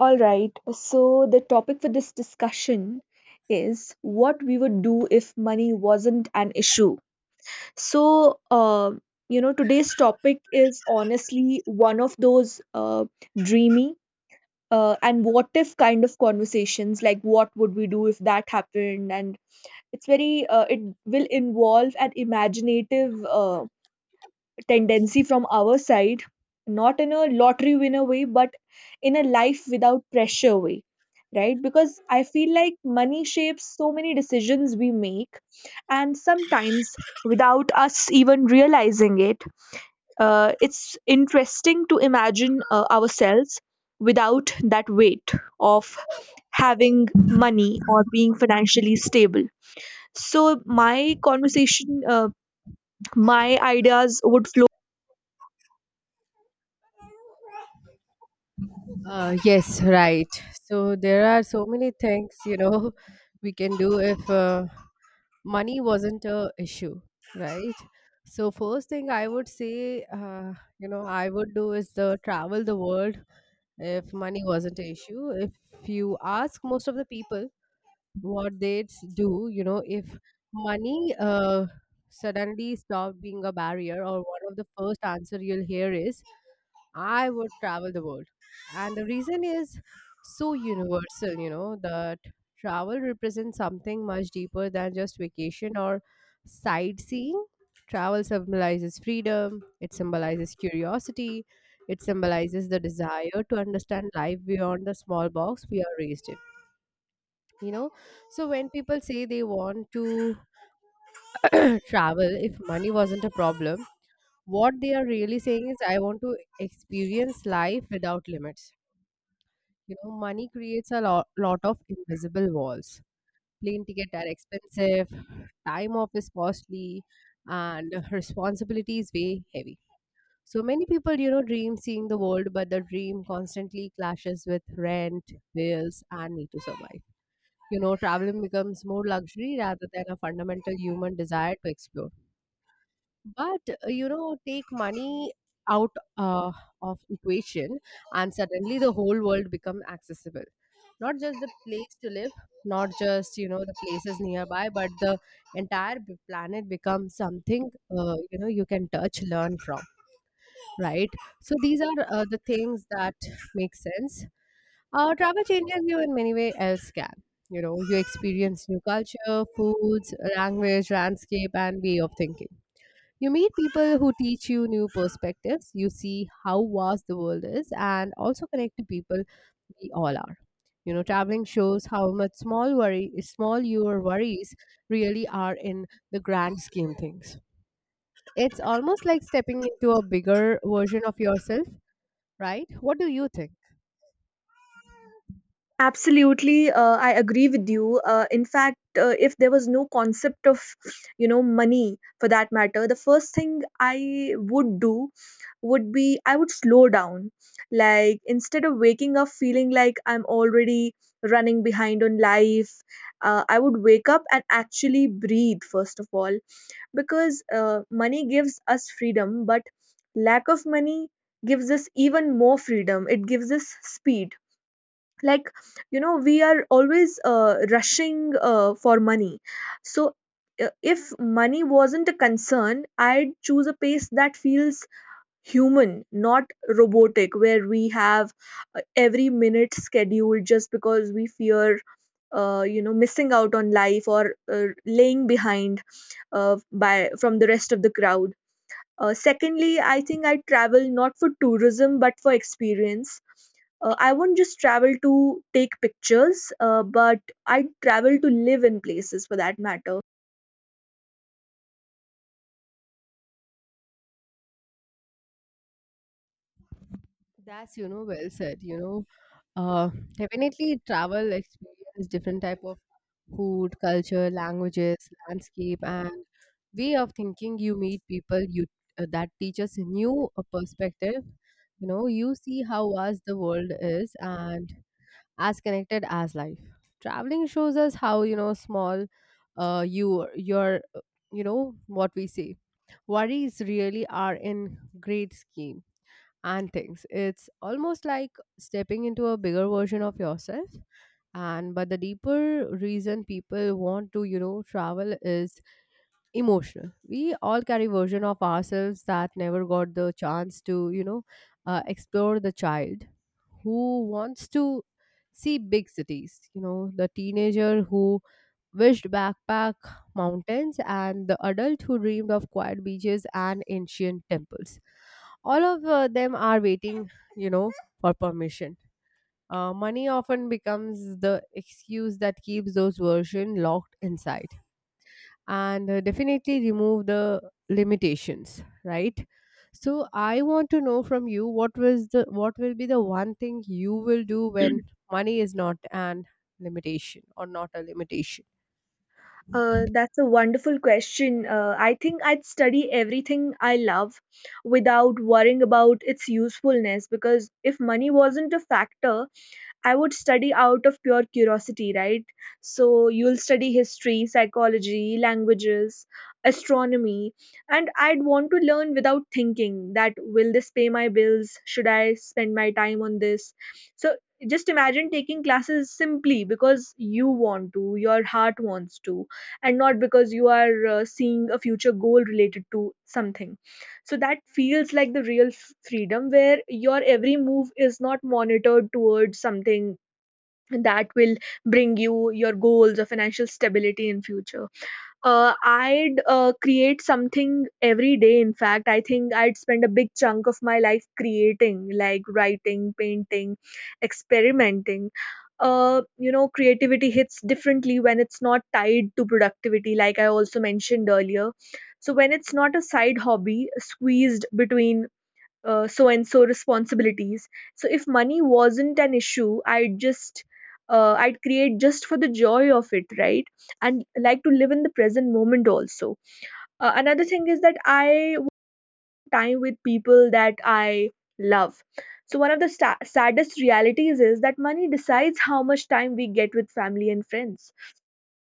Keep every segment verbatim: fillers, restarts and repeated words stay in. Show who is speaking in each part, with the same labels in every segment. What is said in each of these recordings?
Speaker 1: All right, so the topic for this discussion is what we would do if money wasn't an issue. So, uh, you know, today's topic is honestly one of those uh, dreamy uh, and what if kind of conversations, like what would we do if that happened? And it's very, uh, it will involve an imaginative Uh, tendency from our side, not in a lottery winner way, but in a life without pressure way, right? Because I feel like money shapes so many decisions we make, and sometimes without us even realizing it, uh, it's interesting to imagine uh, ourselves without that weight of having money or being financially stable. So, my conversation, uh, my ideas would.
Speaker 2: Uh, yes, right. So there are so many things, you know, we can do if uh, money wasn't a issue, right? So first thing I would say, uh, you know, I would do is the travel the world if money wasn't an issue. If you ask most of the people, what they'd s- do, you know, if money uh, suddenly stopped being a barrier, or one of the first answer you'll hear is, "I would travel the world," and the reason is so universal, you know, that travel represents something much deeper than just vacation or sightseeing. Travel symbolizes freedom. It symbolizes curiosity. It symbolizes the desire to understand life beyond the small box we are raised in you know so when people say they want to travel if money wasn't a problem, what they are really saying is I want to experience life without limits. You know, money creates a lot, lot of invisible walls. Plane ticket are expensive, time off is costly, and responsibility is way heavy. So many people, you know, dream seeing the world, but the dream constantly clashes with rent bills and need to survive. You know, traveling becomes more luxury rather than a fundamental human desire to explore. But, uh, you know, take money out uh, of equation, and suddenly the whole world becomes accessible. Not just the place to live, not just, you know, the places nearby, but the entire b- planet becomes something, uh, you know you can touch, learn from, right? So these are uh, the things that make sense. Uh, travel changes you in many ways as can. You know, you experience new culture, foods, language, landscape, and way of thinking. You meet people who teach you new perspectives. You see how vast the world is and also connect to people we all are. You know, traveling shows how much small worry, small your worries really are in the grand scheme things. It's almost like stepping into a bigger version of yourself, right? What do you think?
Speaker 1: Absolutely, uh, I agree with you. Uh, in fact, uh, if there was no concept of, you know, money for that matter, the first thing I would do would be I would slow down. Like, instead of waking up feeling like I'm already running behind on life, uh, I would wake up and actually breathe, first of all, because uh, money gives us freedom, but lack of money gives us even more freedom. It gives us speed, like, you know we are always uh, rushing uh, for money. So, uh, if money wasn't a concern, I'd choose a pace that feels human, not robotic, where we have uh, every minute scheduled just because we fear uh, you know missing out on life or uh, laying behind uh, by from the rest of the crowd. Uh, secondly, I think I travel not for tourism but for experience. Uh, I won't just travel to take pictures, uh, but I travel to live in places for that matter.
Speaker 2: That's, you know, well said. You know, uh, definitely travel experience different type of food, culture, languages, landscape, and way of thinking. You meet people you uh, that teaches a new uh, perspective. You know, you see how vast the world is, and as connected as life. Traveling shows us how, you know, small, uh, you your, uh, you know what we say worries really are in great scheme and things. It's almost like stepping into a bigger version of yourself. And but the deeper reason people want to, you know, travel is emotional. We all carry version of ourselves that never got the chance to, you know, uh, explore the child who wants to see big cities. You know, the teenager who wished backpack mountains and the adult who dreamed of quiet beaches and ancient temples. All of uh, them are waiting, you know, for permission. Uh, money often becomes the excuse that keeps those versions locked inside and uh, definitely remove the limitations, right? So I want to know from you, what was the what will be the one thing you will do when money is not an limitation or not a limitation.
Speaker 1: Uh, that's a wonderful question. Uh, I think I'd study everything I love without worrying about its usefulness, because if money wasn't a factor, I would study out of pure curiosity, right? So you'll study history, psychology, languages, astronomy, and I'd want to learn without thinking that will this pay my bills? Should I spend my time on this? So just imagine taking classes simply because you want to, your heart wants to, and not because you are uh, seeing a future goal related to something. So that feels like the real f- freedom, where your every move is not monitored towards something that will bring you your goals or financial stability in future. uh, I'd uh, create something every day. In fact, I think I'd spend a big chunk of my life creating, like writing, painting, experimenting. Uh, you know creativity hits differently when it's not tied to productivity, like I also mentioned earlier. So when it's not a side hobby squeezed between uh, so and so responsibilities. So if money wasn't an issue, i'd just uh, I'd create just for the joy of it, right? And like to live in the present moment also. Uh, another thing is that I want time with people that I love. So one of the sta- saddest realities is that money decides how much time we get with family and friends,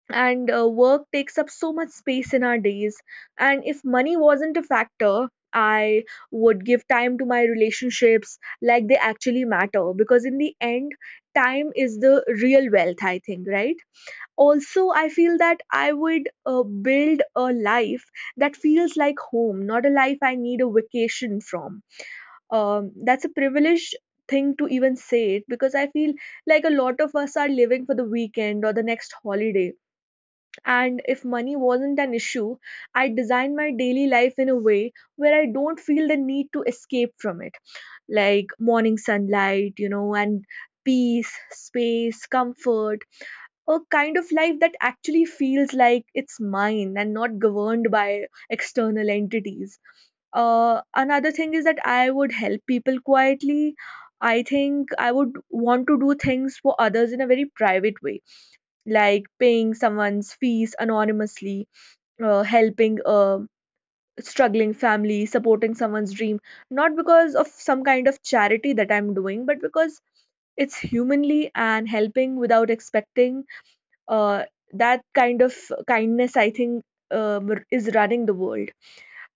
Speaker 1: and uh, work takes up so much space in our days. And if money wasn't a factor, I would give time to my relationships like they actually matter, because in the end, time is the real wealth, I think, right? Also, I feel that I would uh, build a life that feels like home, not a life I need a vacation from. Um, that's a privileged thing to even say it, because I feel like a lot of us are living for the weekend or the next holiday. And if money wasn't an issue, I designed my daily life in a way where I don't feel the need to escape from it. Like morning sunlight, you know, and peace, space, comfort, a kind of life that actually feels like it's mine and not governed by external entities. Uh, another thing is that I would help people quietly. I think I would want to do things for others in a very private way, like paying someone's fees anonymously, uh, helping a struggling family, supporting someone's dream, not because of some kind of charity that I'm doing, but because it's humanly and helping without expecting. uh, that kind of kindness, I think, um, is running the world,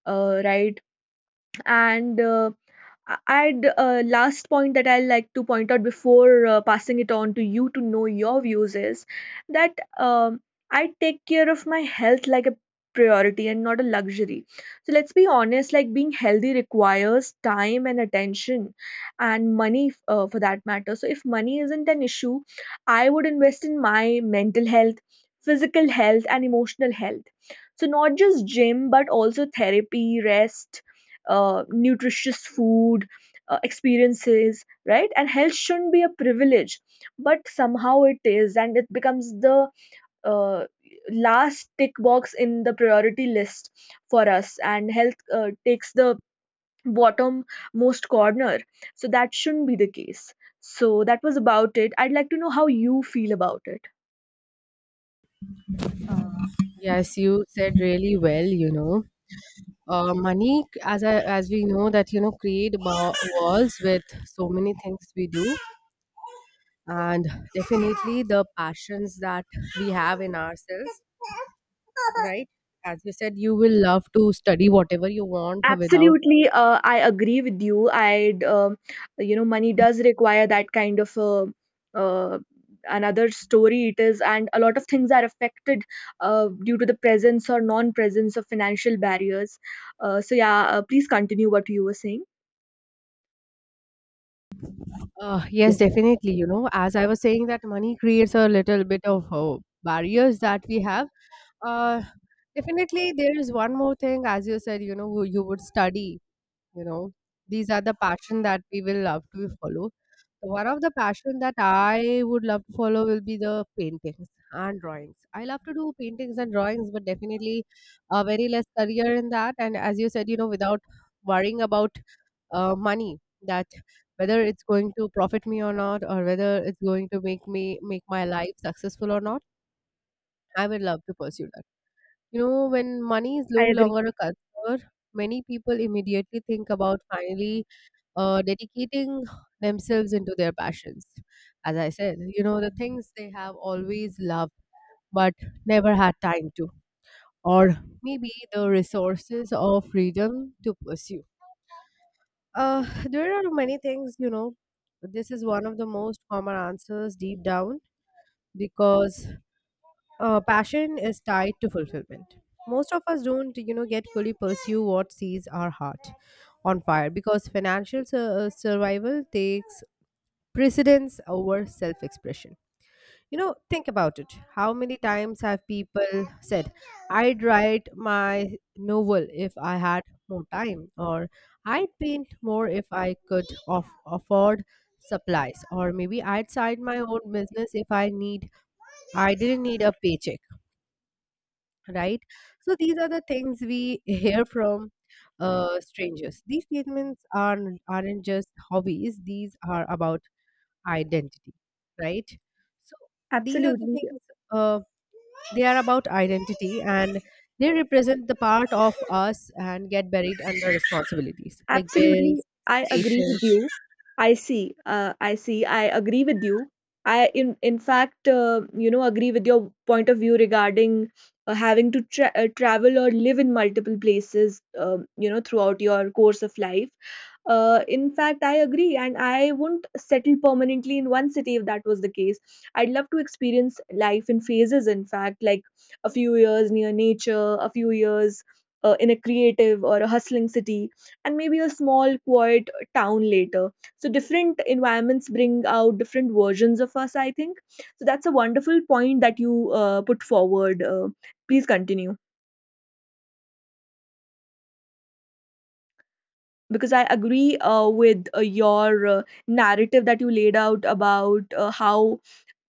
Speaker 1: uh, right? And uh, a- And uh, last point that I like to point out before uh, passing it on to you to know your views is that, um, I take care of my health like a priority and not a luxury. So let's be honest, like being healthy requires time and attention and money, uh, for that matter. So if money isn't an issue, I would invest in my mental health, physical health, and emotional health. So not just gym, but also therapy, rest, uh, nutritious food, uh, experiences, right? And health shouldn't be a privilege, but somehow it is, and it becomes the uh, last tick box in the priority list for us, and health uh, takes the bottom most corner. So that shouldn't be the case. So that was about it. I'd like to know how you feel about it.
Speaker 2: Yes, you said really well, you know. Uh, money as I, as we know that, you know, create ba- walls with so many things we do, and definitely the passions that we have in ourselves, right? As you said, you will love to study whatever you want without...
Speaker 1: Absolutely, uh, I agree with you. I, um you know, money does require that kind of uh, uh, another story. It is, and a lot of things are affected uh, due to the presence or non-presence of financial barriers. Uh, so yeah, uh, please continue what you were saying.
Speaker 2: uh, yes, definitely, you know, as I was saying that money creates a little bit of uh, barriers that we have. Uh, definitely there is one more thing. As you said, you know, you would study. You know, these are the passion that we will love to follow. So, one of the passion that I would love to follow will be the paintings and drawings. I love to do paintings and drawings, but definitely a very less career in that. And as you said, you know, without worrying about uh, money, that whether it's going to profit me or not, or whether it's going to make me make my life successful or not, I would love to pursue that. You know, when money is no
Speaker 1: I agree.
Speaker 2: longer a concern, many people immediately think about finally uh, dedicating themselves into their passions. As I said, you know, the things they have always loved, but never had time to, or maybe the resources or freedom to pursue. Uh, there are many things, you know, this is one of the most common answers deep down because uh, passion is tied to fulfillment. Most of us don't, you know, get fully pursue what sees our heart on fire because financial sur- survival takes precedence over self expression. You know, think about it. How many times have people said, I'd write my novel if I had more time, or I'd paint more if I could off- afford supplies, or maybe I'd start my own business if I need, I didn't need a paycheck, right? So these are the things we hear from uh, strangers. These statements are aren't aren't just hobbies; these are about identity, right? So these are the
Speaker 1: Absolutely.
Speaker 2: things, uh, they are about identity and they represent the part of us and get buried under responsibilities like
Speaker 1: Absolutely,
Speaker 2: bills,
Speaker 1: I agree with
Speaker 2: expectations.
Speaker 1: you. I see. Uh, I see. I agree with you. I, in in fact, uh, you know, agree with your point of view regarding uh, having to tra- uh, travel or live in multiple places, um, you know, throughout your course of life. Uh, in fact, I agree, and I wouldn't settle permanently in one city if that was the case. I'd love to experience life in phases, in fact, like a few years near nature, a few years uh, in a creative or a hustling city, and maybe a small, quiet town later. So, different environments bring out different versions of us, I think. So, that's a wonderful point that you uh, put forward. Uh, please continue. Because I agree uh, with uh, your uh, narrative that you laid out about uh, how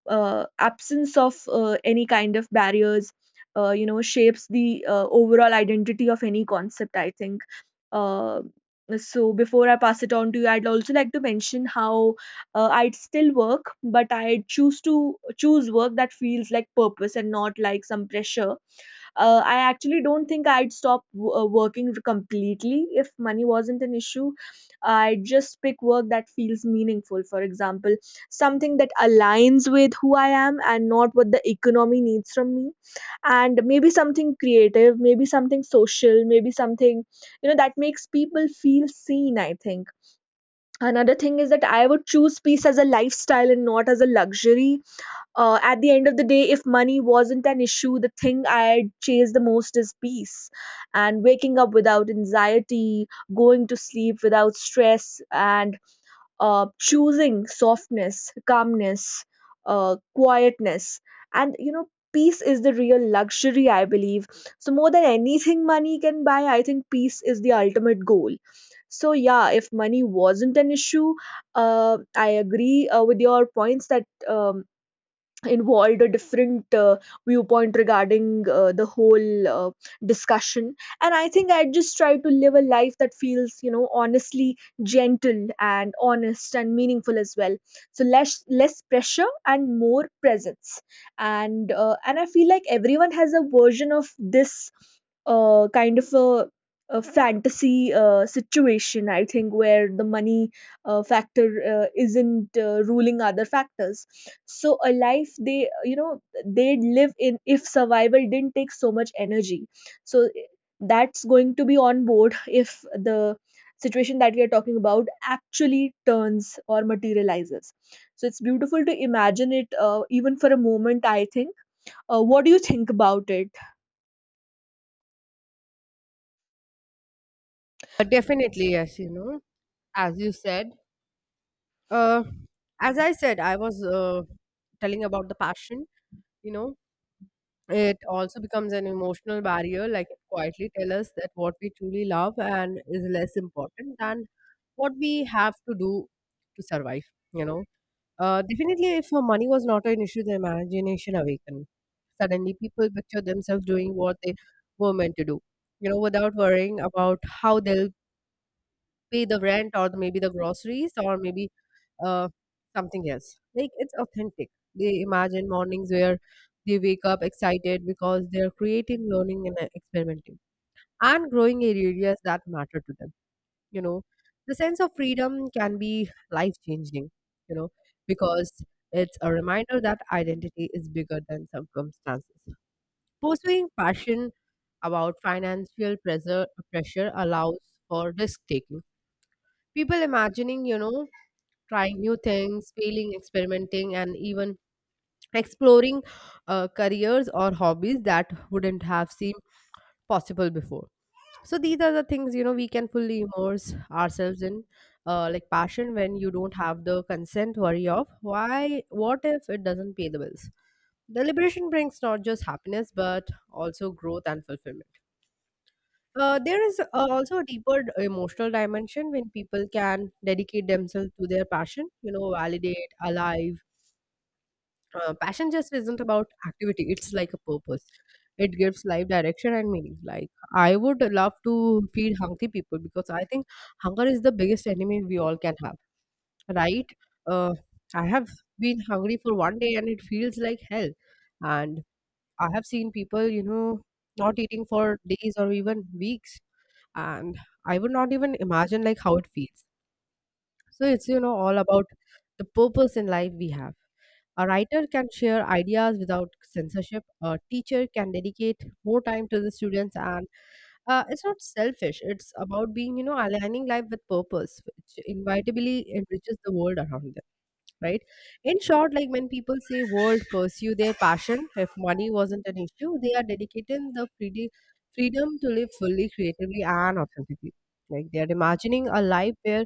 Speaker 1: uh, absence of uh, any kind of barriers, uh, you know, shapes the uh, overall identity of any concept. I think. Uh, so before I pass it on to you, I'd also like to mention how uh, I'd still work, but I choose to choose work that feels like purpose and not like some pressure. uh, I actually don't think I'd stop w- uh, working completely if money wasn't an issue. I would just pick work that feels meaningful. For example, something that aligns with who I am and not what the economy needs from me. And maybe something creative, maybe something social, maybe something, you know, that makes people feel seen, I think. Another thing is that I would choose peace as a lifestyle and not as a luxury. Uh, at the end of the day, if money wasn't an issue, the thing I chase the most is peace. And waking up without anxiety, going to sleep without stress, and uh, choosing softness, calmness, uh, quietness. And, you know, peace is the real luxury, I believe. So, more than anything money can buy, I think peace is the ultimate goal. So, yeah, if money wasn't an issue, uh, I agree uh, with your points that. Um, involved a different uh, viewpoint regarding uh, the whole uh, discussion. And I think I just try to live a life that feels you know honestly gentle and honest and meaningful as well. So less less pressure and more presence. And uh, and I feel like everyone has a version of this uh, kind of a, a fantasy uh, situation, I think, where the money uh, factor uh, isn't uh, ruling other factors. So a life they you know they live in, if survival didn't take so much energy. So that's going to be on board if the situation that we are talking about actually turns or materializes. So it's beautiful to imagine it uh, even for a moment, I think. Uh, what do you think about it?
Speaker 2: But definitely, yes, you know, as you said. Uh, as I said, I was uh, telling about the passion, you know, it also becomes an emotional barrier, like it quietly tell us that what we truly love and is less important than what we have to do to survive, you know. Uh, definitely, if her money was not an issue, the imagination awakened. Suddenly, people picture themselves doing what they were meant to do, you know, without worrying about how they'll pay the rent or maybe the groceries or maybe uh, something else. Like, it's authentic. They imagine mornings where they wake up excited because they're creating, learning, and uh, experimenting and growing in areas that matter to them. You know, the sense of freedom can be life changing, you know, because it's a reminder that identity is bigger than circumstances. Pursuing passion about financial pressure pressure allows for risk taking. People imagining, you know, trying new things, failing, experimenting, and even exploring uh, careers or hobbies that wouldn't have seemed possible before. So these are the things, you know, we can fully immerse ourselves in, uh, like passion, when you don't have the consent worry of why, what if it doesn't pay the bills. The liberation brings not just happiness but also growth and fulfillment. Uh, there is uh, also a deeper d- emotional dimension when people can dedicate themselves to their passion, you know, validate alive. Uh, passion just isn't about activity, it's like a purpose. It gives life direction and meaning. Like, I would love to feed hungry people because I think hunger is the biggest enemy we all can have, right? Uh, I have been hungry for one day and it feels like hell. And I have seen people, you know, not eating for days or even weeks. And I would not even imagine like how it feels. So it's, you know, all about the purpose in life we have. A writer can share ideas without censorship. A teacher can dedicate more time to the students, and uh, it's not selfish. It's about being, you know, aligning life with purpose, which inevitably enriches the world around them, right? In short, like when people say world pursue their passion if money wasn't an issue, they are dedicating the freedom freedom to live fully, creatively, and authentically. Like they are imagining a life where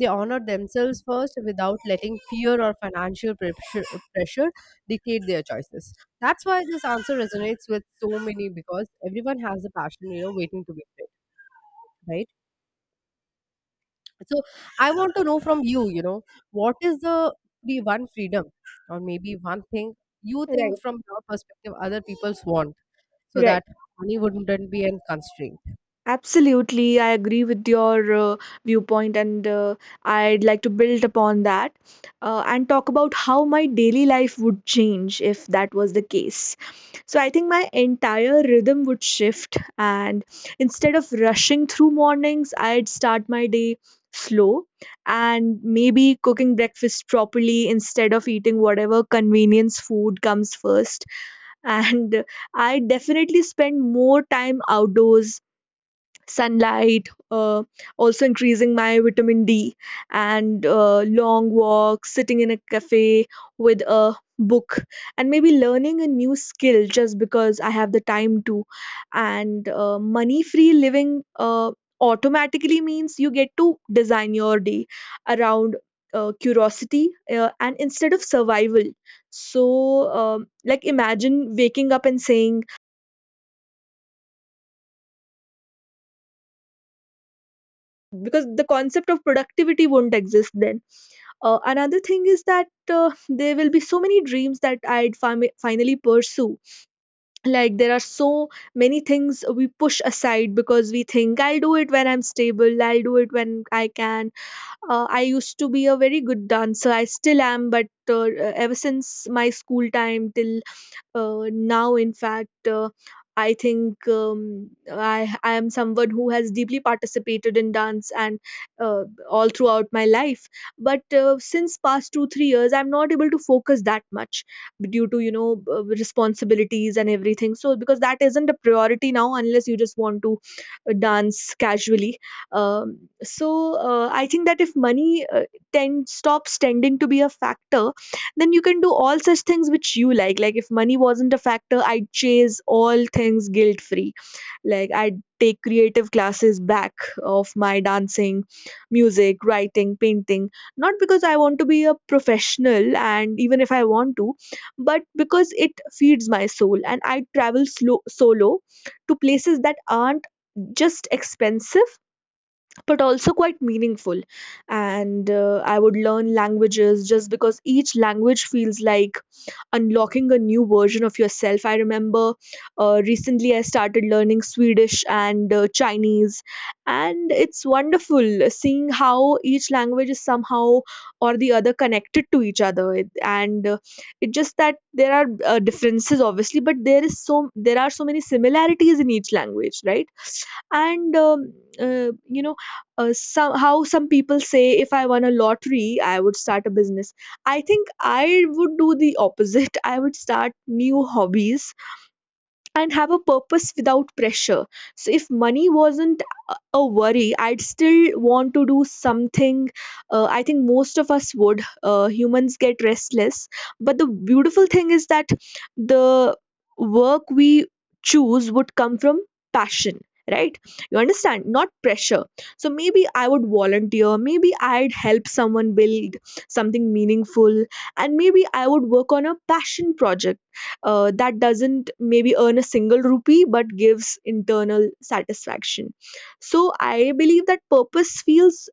Speaker 2: they honor themselves first without letting fear or financial pressure, pressure dictate their choices. That's why this answer resonates with so many, because everyone has a passion, you know, waiting to be fit, right? So I want to know from you, you know, what is the be one freedom or maybe one thing you think
Speaker 1: Right.
Speaker 2: from your perspective other people's want so that
Speaker 1: right
Speaker 2: money wouldn't be a constraint?
Speaker 1: Absolutely, I agree with your uh, viewpoint, and uh, I'd like to build upon that uh, and talk about how my daily life would change if that was the case. So, I think my entire rhythm would shift, and instead of rushing through mornings, I'd start my day slow and maybe cooking breakfast properly instead of eating whatever convenience food comes first. And I definitely spend more time outdoors, sunlight, uh, also increasing my vitamin D, and uh, long walks, sitting in a cafe with a book, and maybe learning a new skill just because I have the time to. And uh, Money free living uh, automatically means you get to design your day around Uh, curiosity uh, and instead of survival. So um, like imagine waking up and saying, because the concept of productivity won't exist then. Uh, another thing is that uh, there will be so many dreams that i'd fami- finally pursue. Like there are so many things we push aside because we think I'll do it when I'm stable, I'll do it when I can. uh, I used to be a very good dancer, I still am, but uh, ever since my school time till uh, now, in fact, uh, I think um, I, I am someone who has deeply participated in dance and uh, all throughout my life. But uh, since past two three years, I'm not able to focus that much due to you know uh, responsibilities and everything. So because that isn't a priority now, unless you just want to uh, dance casually. Um, so uh, I think that if money uh, tend stops tending to be a factor, then you can do all such things which you like. Like if money wasn't a factor, I'd chase all things guilt free. Like I'd take creative classes back of my dancing, music, writing, painting, not because I want to be a professional and even if I want to, but because it feeds my soul. And I travel slow, solo, to places that aren't just expensive but also quite meaningful. And uh, I would learn languages just because each language feels like unlocking a new version of yourself. I remember uh, recently I started learning Swedish and uh, Chinese, and it's wonderful seeing how each language is somehow or the other connected to each other. It- And uh, It's just that there are uh, differences, obviously, but there is so there are so many similarities in each language, right? and um, uh, you know uh, some how Some people say if I won a lottery, I would start a business. I think I would do the opposite. I would start new hobbies and have a purpose without pressure. So if money wasn't a a worry, I'd still want to do something. Uh, I think most of us would. Uh, humans get restless, but the beautiful thing is that the work we choose would come from passion, right? You understand, not pressure. So maybe I would volunteer, maybe I'd help someone build something meaningful, and maybe I would work on a passion project uh, that doesn't maybe earn a single rupee but gives internal satisfaction. So I believe that purpose feels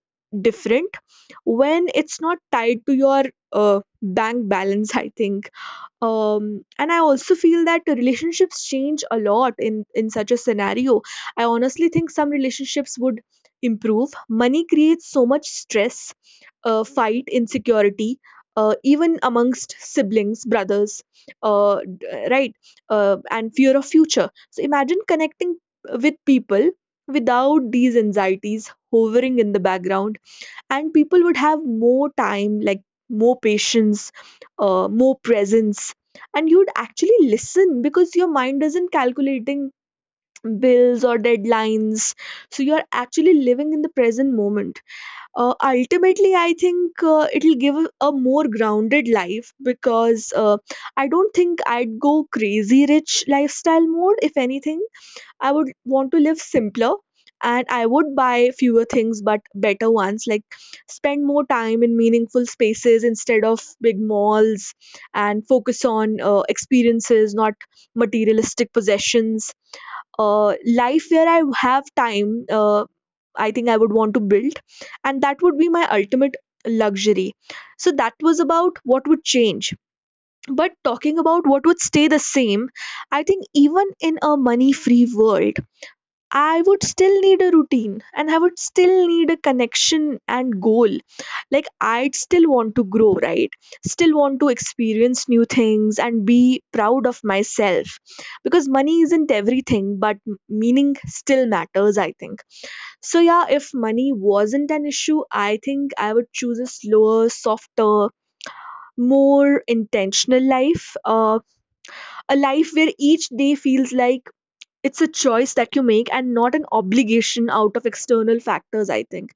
Speaker 1: different when it's not tied to your uh, bank balance, I think. Um, and I also feel that the relationships change a lot in in such a scenario. I honestly think some relationships would improve. Money creates so much stress, uh, fight, insecurity, uh, even amongst siblings, brothers, uh, d- right, uh, and fear of future. So imagine connecting with people without these anxieties hovering in the background. And people would have more time, like more patience, uh, more presence, and you'd actually listen because your mind isn't calculating bills or deadlines. So you're actually living in the present moment. Uh, ultimately I think uh, it'll give a, a more grounded life because uh, I don't think I'd go crazy rich lifestyle mode. If anything, I would want to live simpler, and I would buy fewer things but better ones, like spend more time in meaningful spaces instead of big malls, and focus on uh, experiences, not materialistic possessions. Uh, life where I have time, uh, I think I would want to build, and that would be my ultimate luxury. So that was about what would change. But talking about what would stay the same, I think even in a money free world, I would still need a routine, and I would still need a connection and goal. Like, I'd still want to grow, right? Still want to experience new things and be proud of myself. Because money isn't everything, but m- meaning still matters, I think. So, yeah, if money wasn't an issue, I think I would choose a slower, softer, more intentional life. Uh, a life where each day feels like it's a choice that you make and not an obligation out of external factors, I think.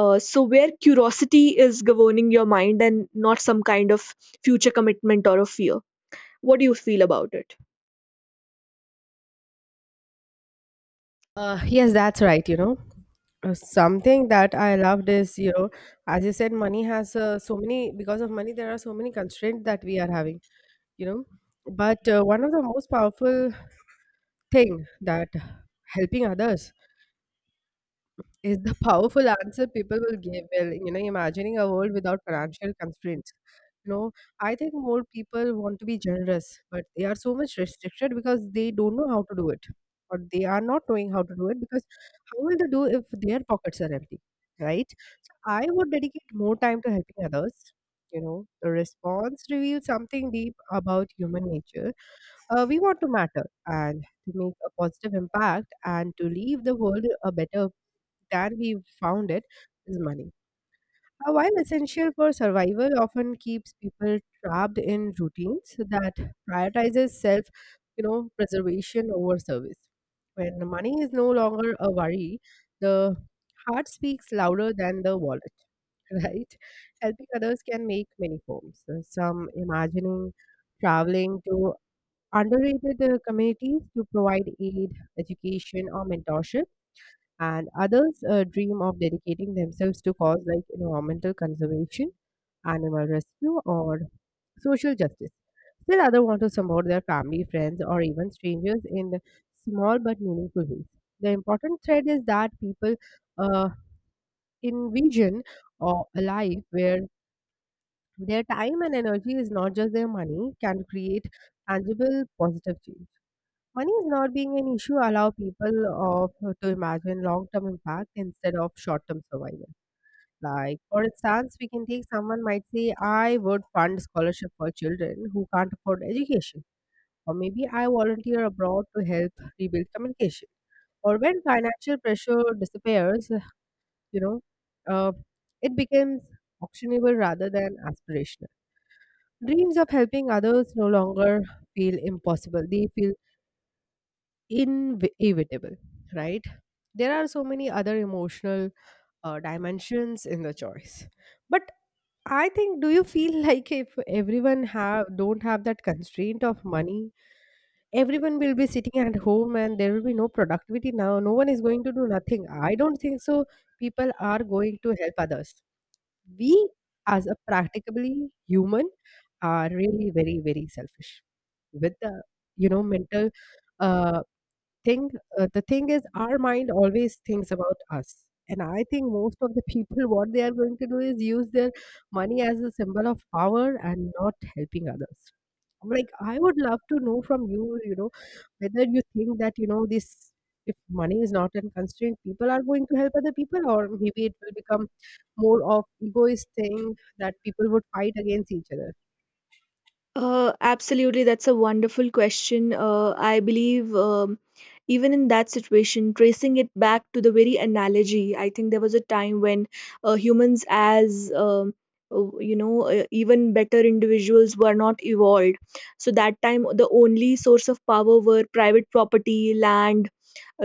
Speaker 1: uh, So where curiosity is governing your mind and not some kind of future commitment or a fear. What do you feel about it?
Speaker 2: Uh, yes, that's right. You know, Uh, something that I loved is, you know, as you said, money has uh, so many, because of money, there are so many constraints that we are having, you know. But uh, one of the most powerful thing that helping others is the powerful answer people will give. Well, you know, imagining a world without financial constraints. You know, I think more people want to be generous, but they are so much restricted because they don't know how to do it, or they are not knowing how to do it because how will they do if their pockets are empty, right? So I would dedicate more time to helping others. You know, the response reveals something deep about human nature. Uh, we want to matter and to make a positive impact and to leave the world a better that we found it is money. Uh, While essential for survival, often keeps people trapped in routines that prioritizes self, you know, preservation over service. When money is no longer a worry, the heart speaks louder than the wallet, right? Helping others can make many forms. Uh, Some imagining traveling to underrated uh, communities to provide aid, education, or mentorship, and others uh, dream of dedicating themselves to cause like environmental conservation, animal rescue, or social justice. Still, others want to support their family, friends, or even strangers in the small but meaningful ways. The important thread is that people uh, envision or a life where their time and energy is not just their money can create tangible positive change. Money is not being an issue allow people of to imagine long-term impact instead of short-term survival. Like for instance, we can take someone might say, I would fund scholarship for children who can't afford education. Or maybe I volunteer abroad to help rebuild communication. Or when financial pressure disappears, you know, uh, it becomes actionable rather than aspirational. Dreams of helping others no longer feel impossible. They feel inevitable, right? There are so many other emotional uh, dimensions in the choice. But I think, do you feel like if everyone have don't have that constraint of money, everyone will be sitting at home and there will be no productivity now. No one is going to do nothing. I don't think so. People are going to help others. We as a practically human are really very very selfish with the, you know, mental uh, thing. Uh, the thing is our mind always thinks about us, and I think most of the people what they are going to do is use their money as a symbol of power and not helping others. I'm like, I would love to know from you, you know, whether you think that, you know, this if money is not a constraint, people are going to help other people, or maybe it will become more of egoist thing that people would fight against each other.
Speaker 1: Uh, absolutely, that's a wonderful question. Uh, I believe um, even in that situation, tracing it back to the very analogy, I think there was a time when uh, humans, as um, uh, you know, uh, even better individuals, were not evolved. So that time, the only source of power were private property, land,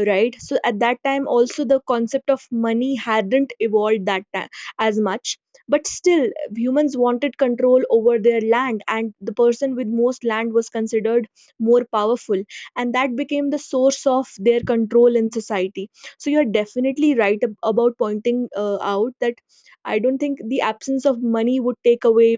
Speaker 1: right? So at that time also the concept of money hadn't evolved that time as much, but still humans wanted control over their land, and the person with most land was considered more powerful, and that became the source of their control in society. So you're definitely right ab- about pointing uh, out that I don't think the absence of money would take away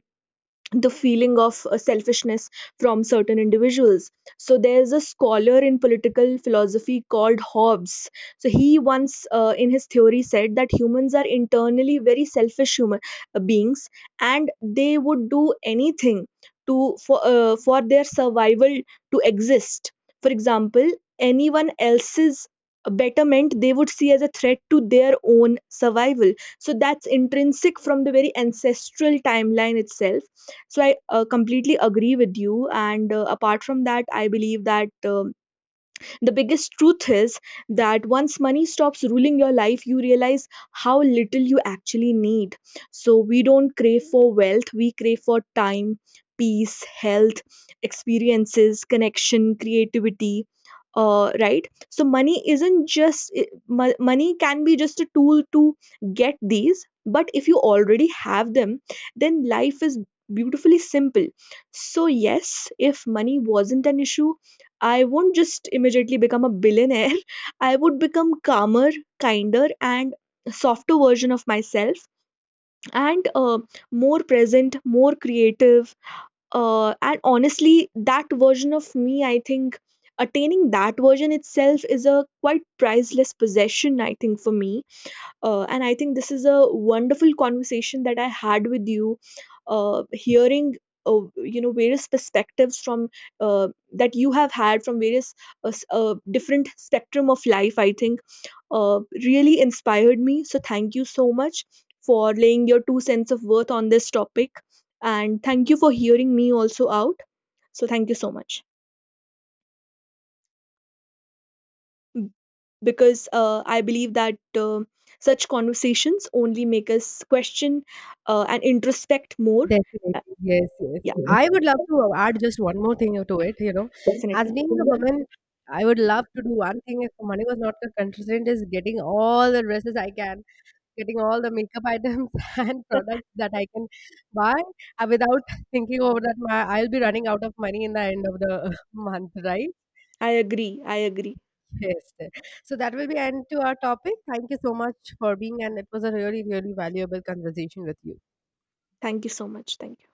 Speaker 1: the feeling of uh, selfishness from certain individuals. So there's a scholar in political philosophy called Hobbes. So he once, uh, in his theory, said that humans are internally very selfish human uh, beings, and they would do anything to for uh, for their survival to exist. For example, anyone else's betterment they would see as a threat to their own survival. So that's intrinsic from the very ancestral timeline itself. So I uh, completely agree with you, and uh, apart from that, I believe that uh, the biggest truth is that once money stops ruling your life, you realize how little you actually need. So we don't crave for wealth, we crave for time, peace, health, experiences, connection, creativity. Uh, right, so money isn't just i- mo- money can be just a tool to get these, but if you already have them, then life is beautifully simple. So yes, if money wasn't an issue, I won't just immediately become a billionaire. I would become calmer, kinder, and softer version of myself, and uh, more present, more creative. Uh, and honestly, that version of me, I think attaining that version itself is a quite priceless possession, I think, for me. Uh, and I think this is a wonderful conversation that I had with you, uh, hearing Uh, you know various perspectives from uh, that you have had from various uh, s- uh, different spectrum of life, I think, uh, really inspired me. So thank you so much for laying your two cents of worth on this topic, and thank you for hearing me also out. So thank you so much, because uh, I believe that uh, such conversations only make us question uh, and introspect more.
Speaker 2: Definitely.
Speaker 1: Uh,
Speaker 2: Yes, yes.
Speaker 1: yeah,
Speaker 2: I would love to add just one more thing to it, you know. As
Speaker 1: definitely.
Speaker 2: being a woman, I would love to do one thing if money was not a constraint is getting all the dresses I can, getting all the makeup items and products that I can buy uh, without thinking over that my, I'll be running out of money in the end of the month, right?
Speaker 1: I agree. I agree.
Speaker 2: Yes, yes. So that will be end to our topic. Thank you so much for being and it was a really, really valuable conversation with you.
Speaker 1: Thank you so much. Thank you.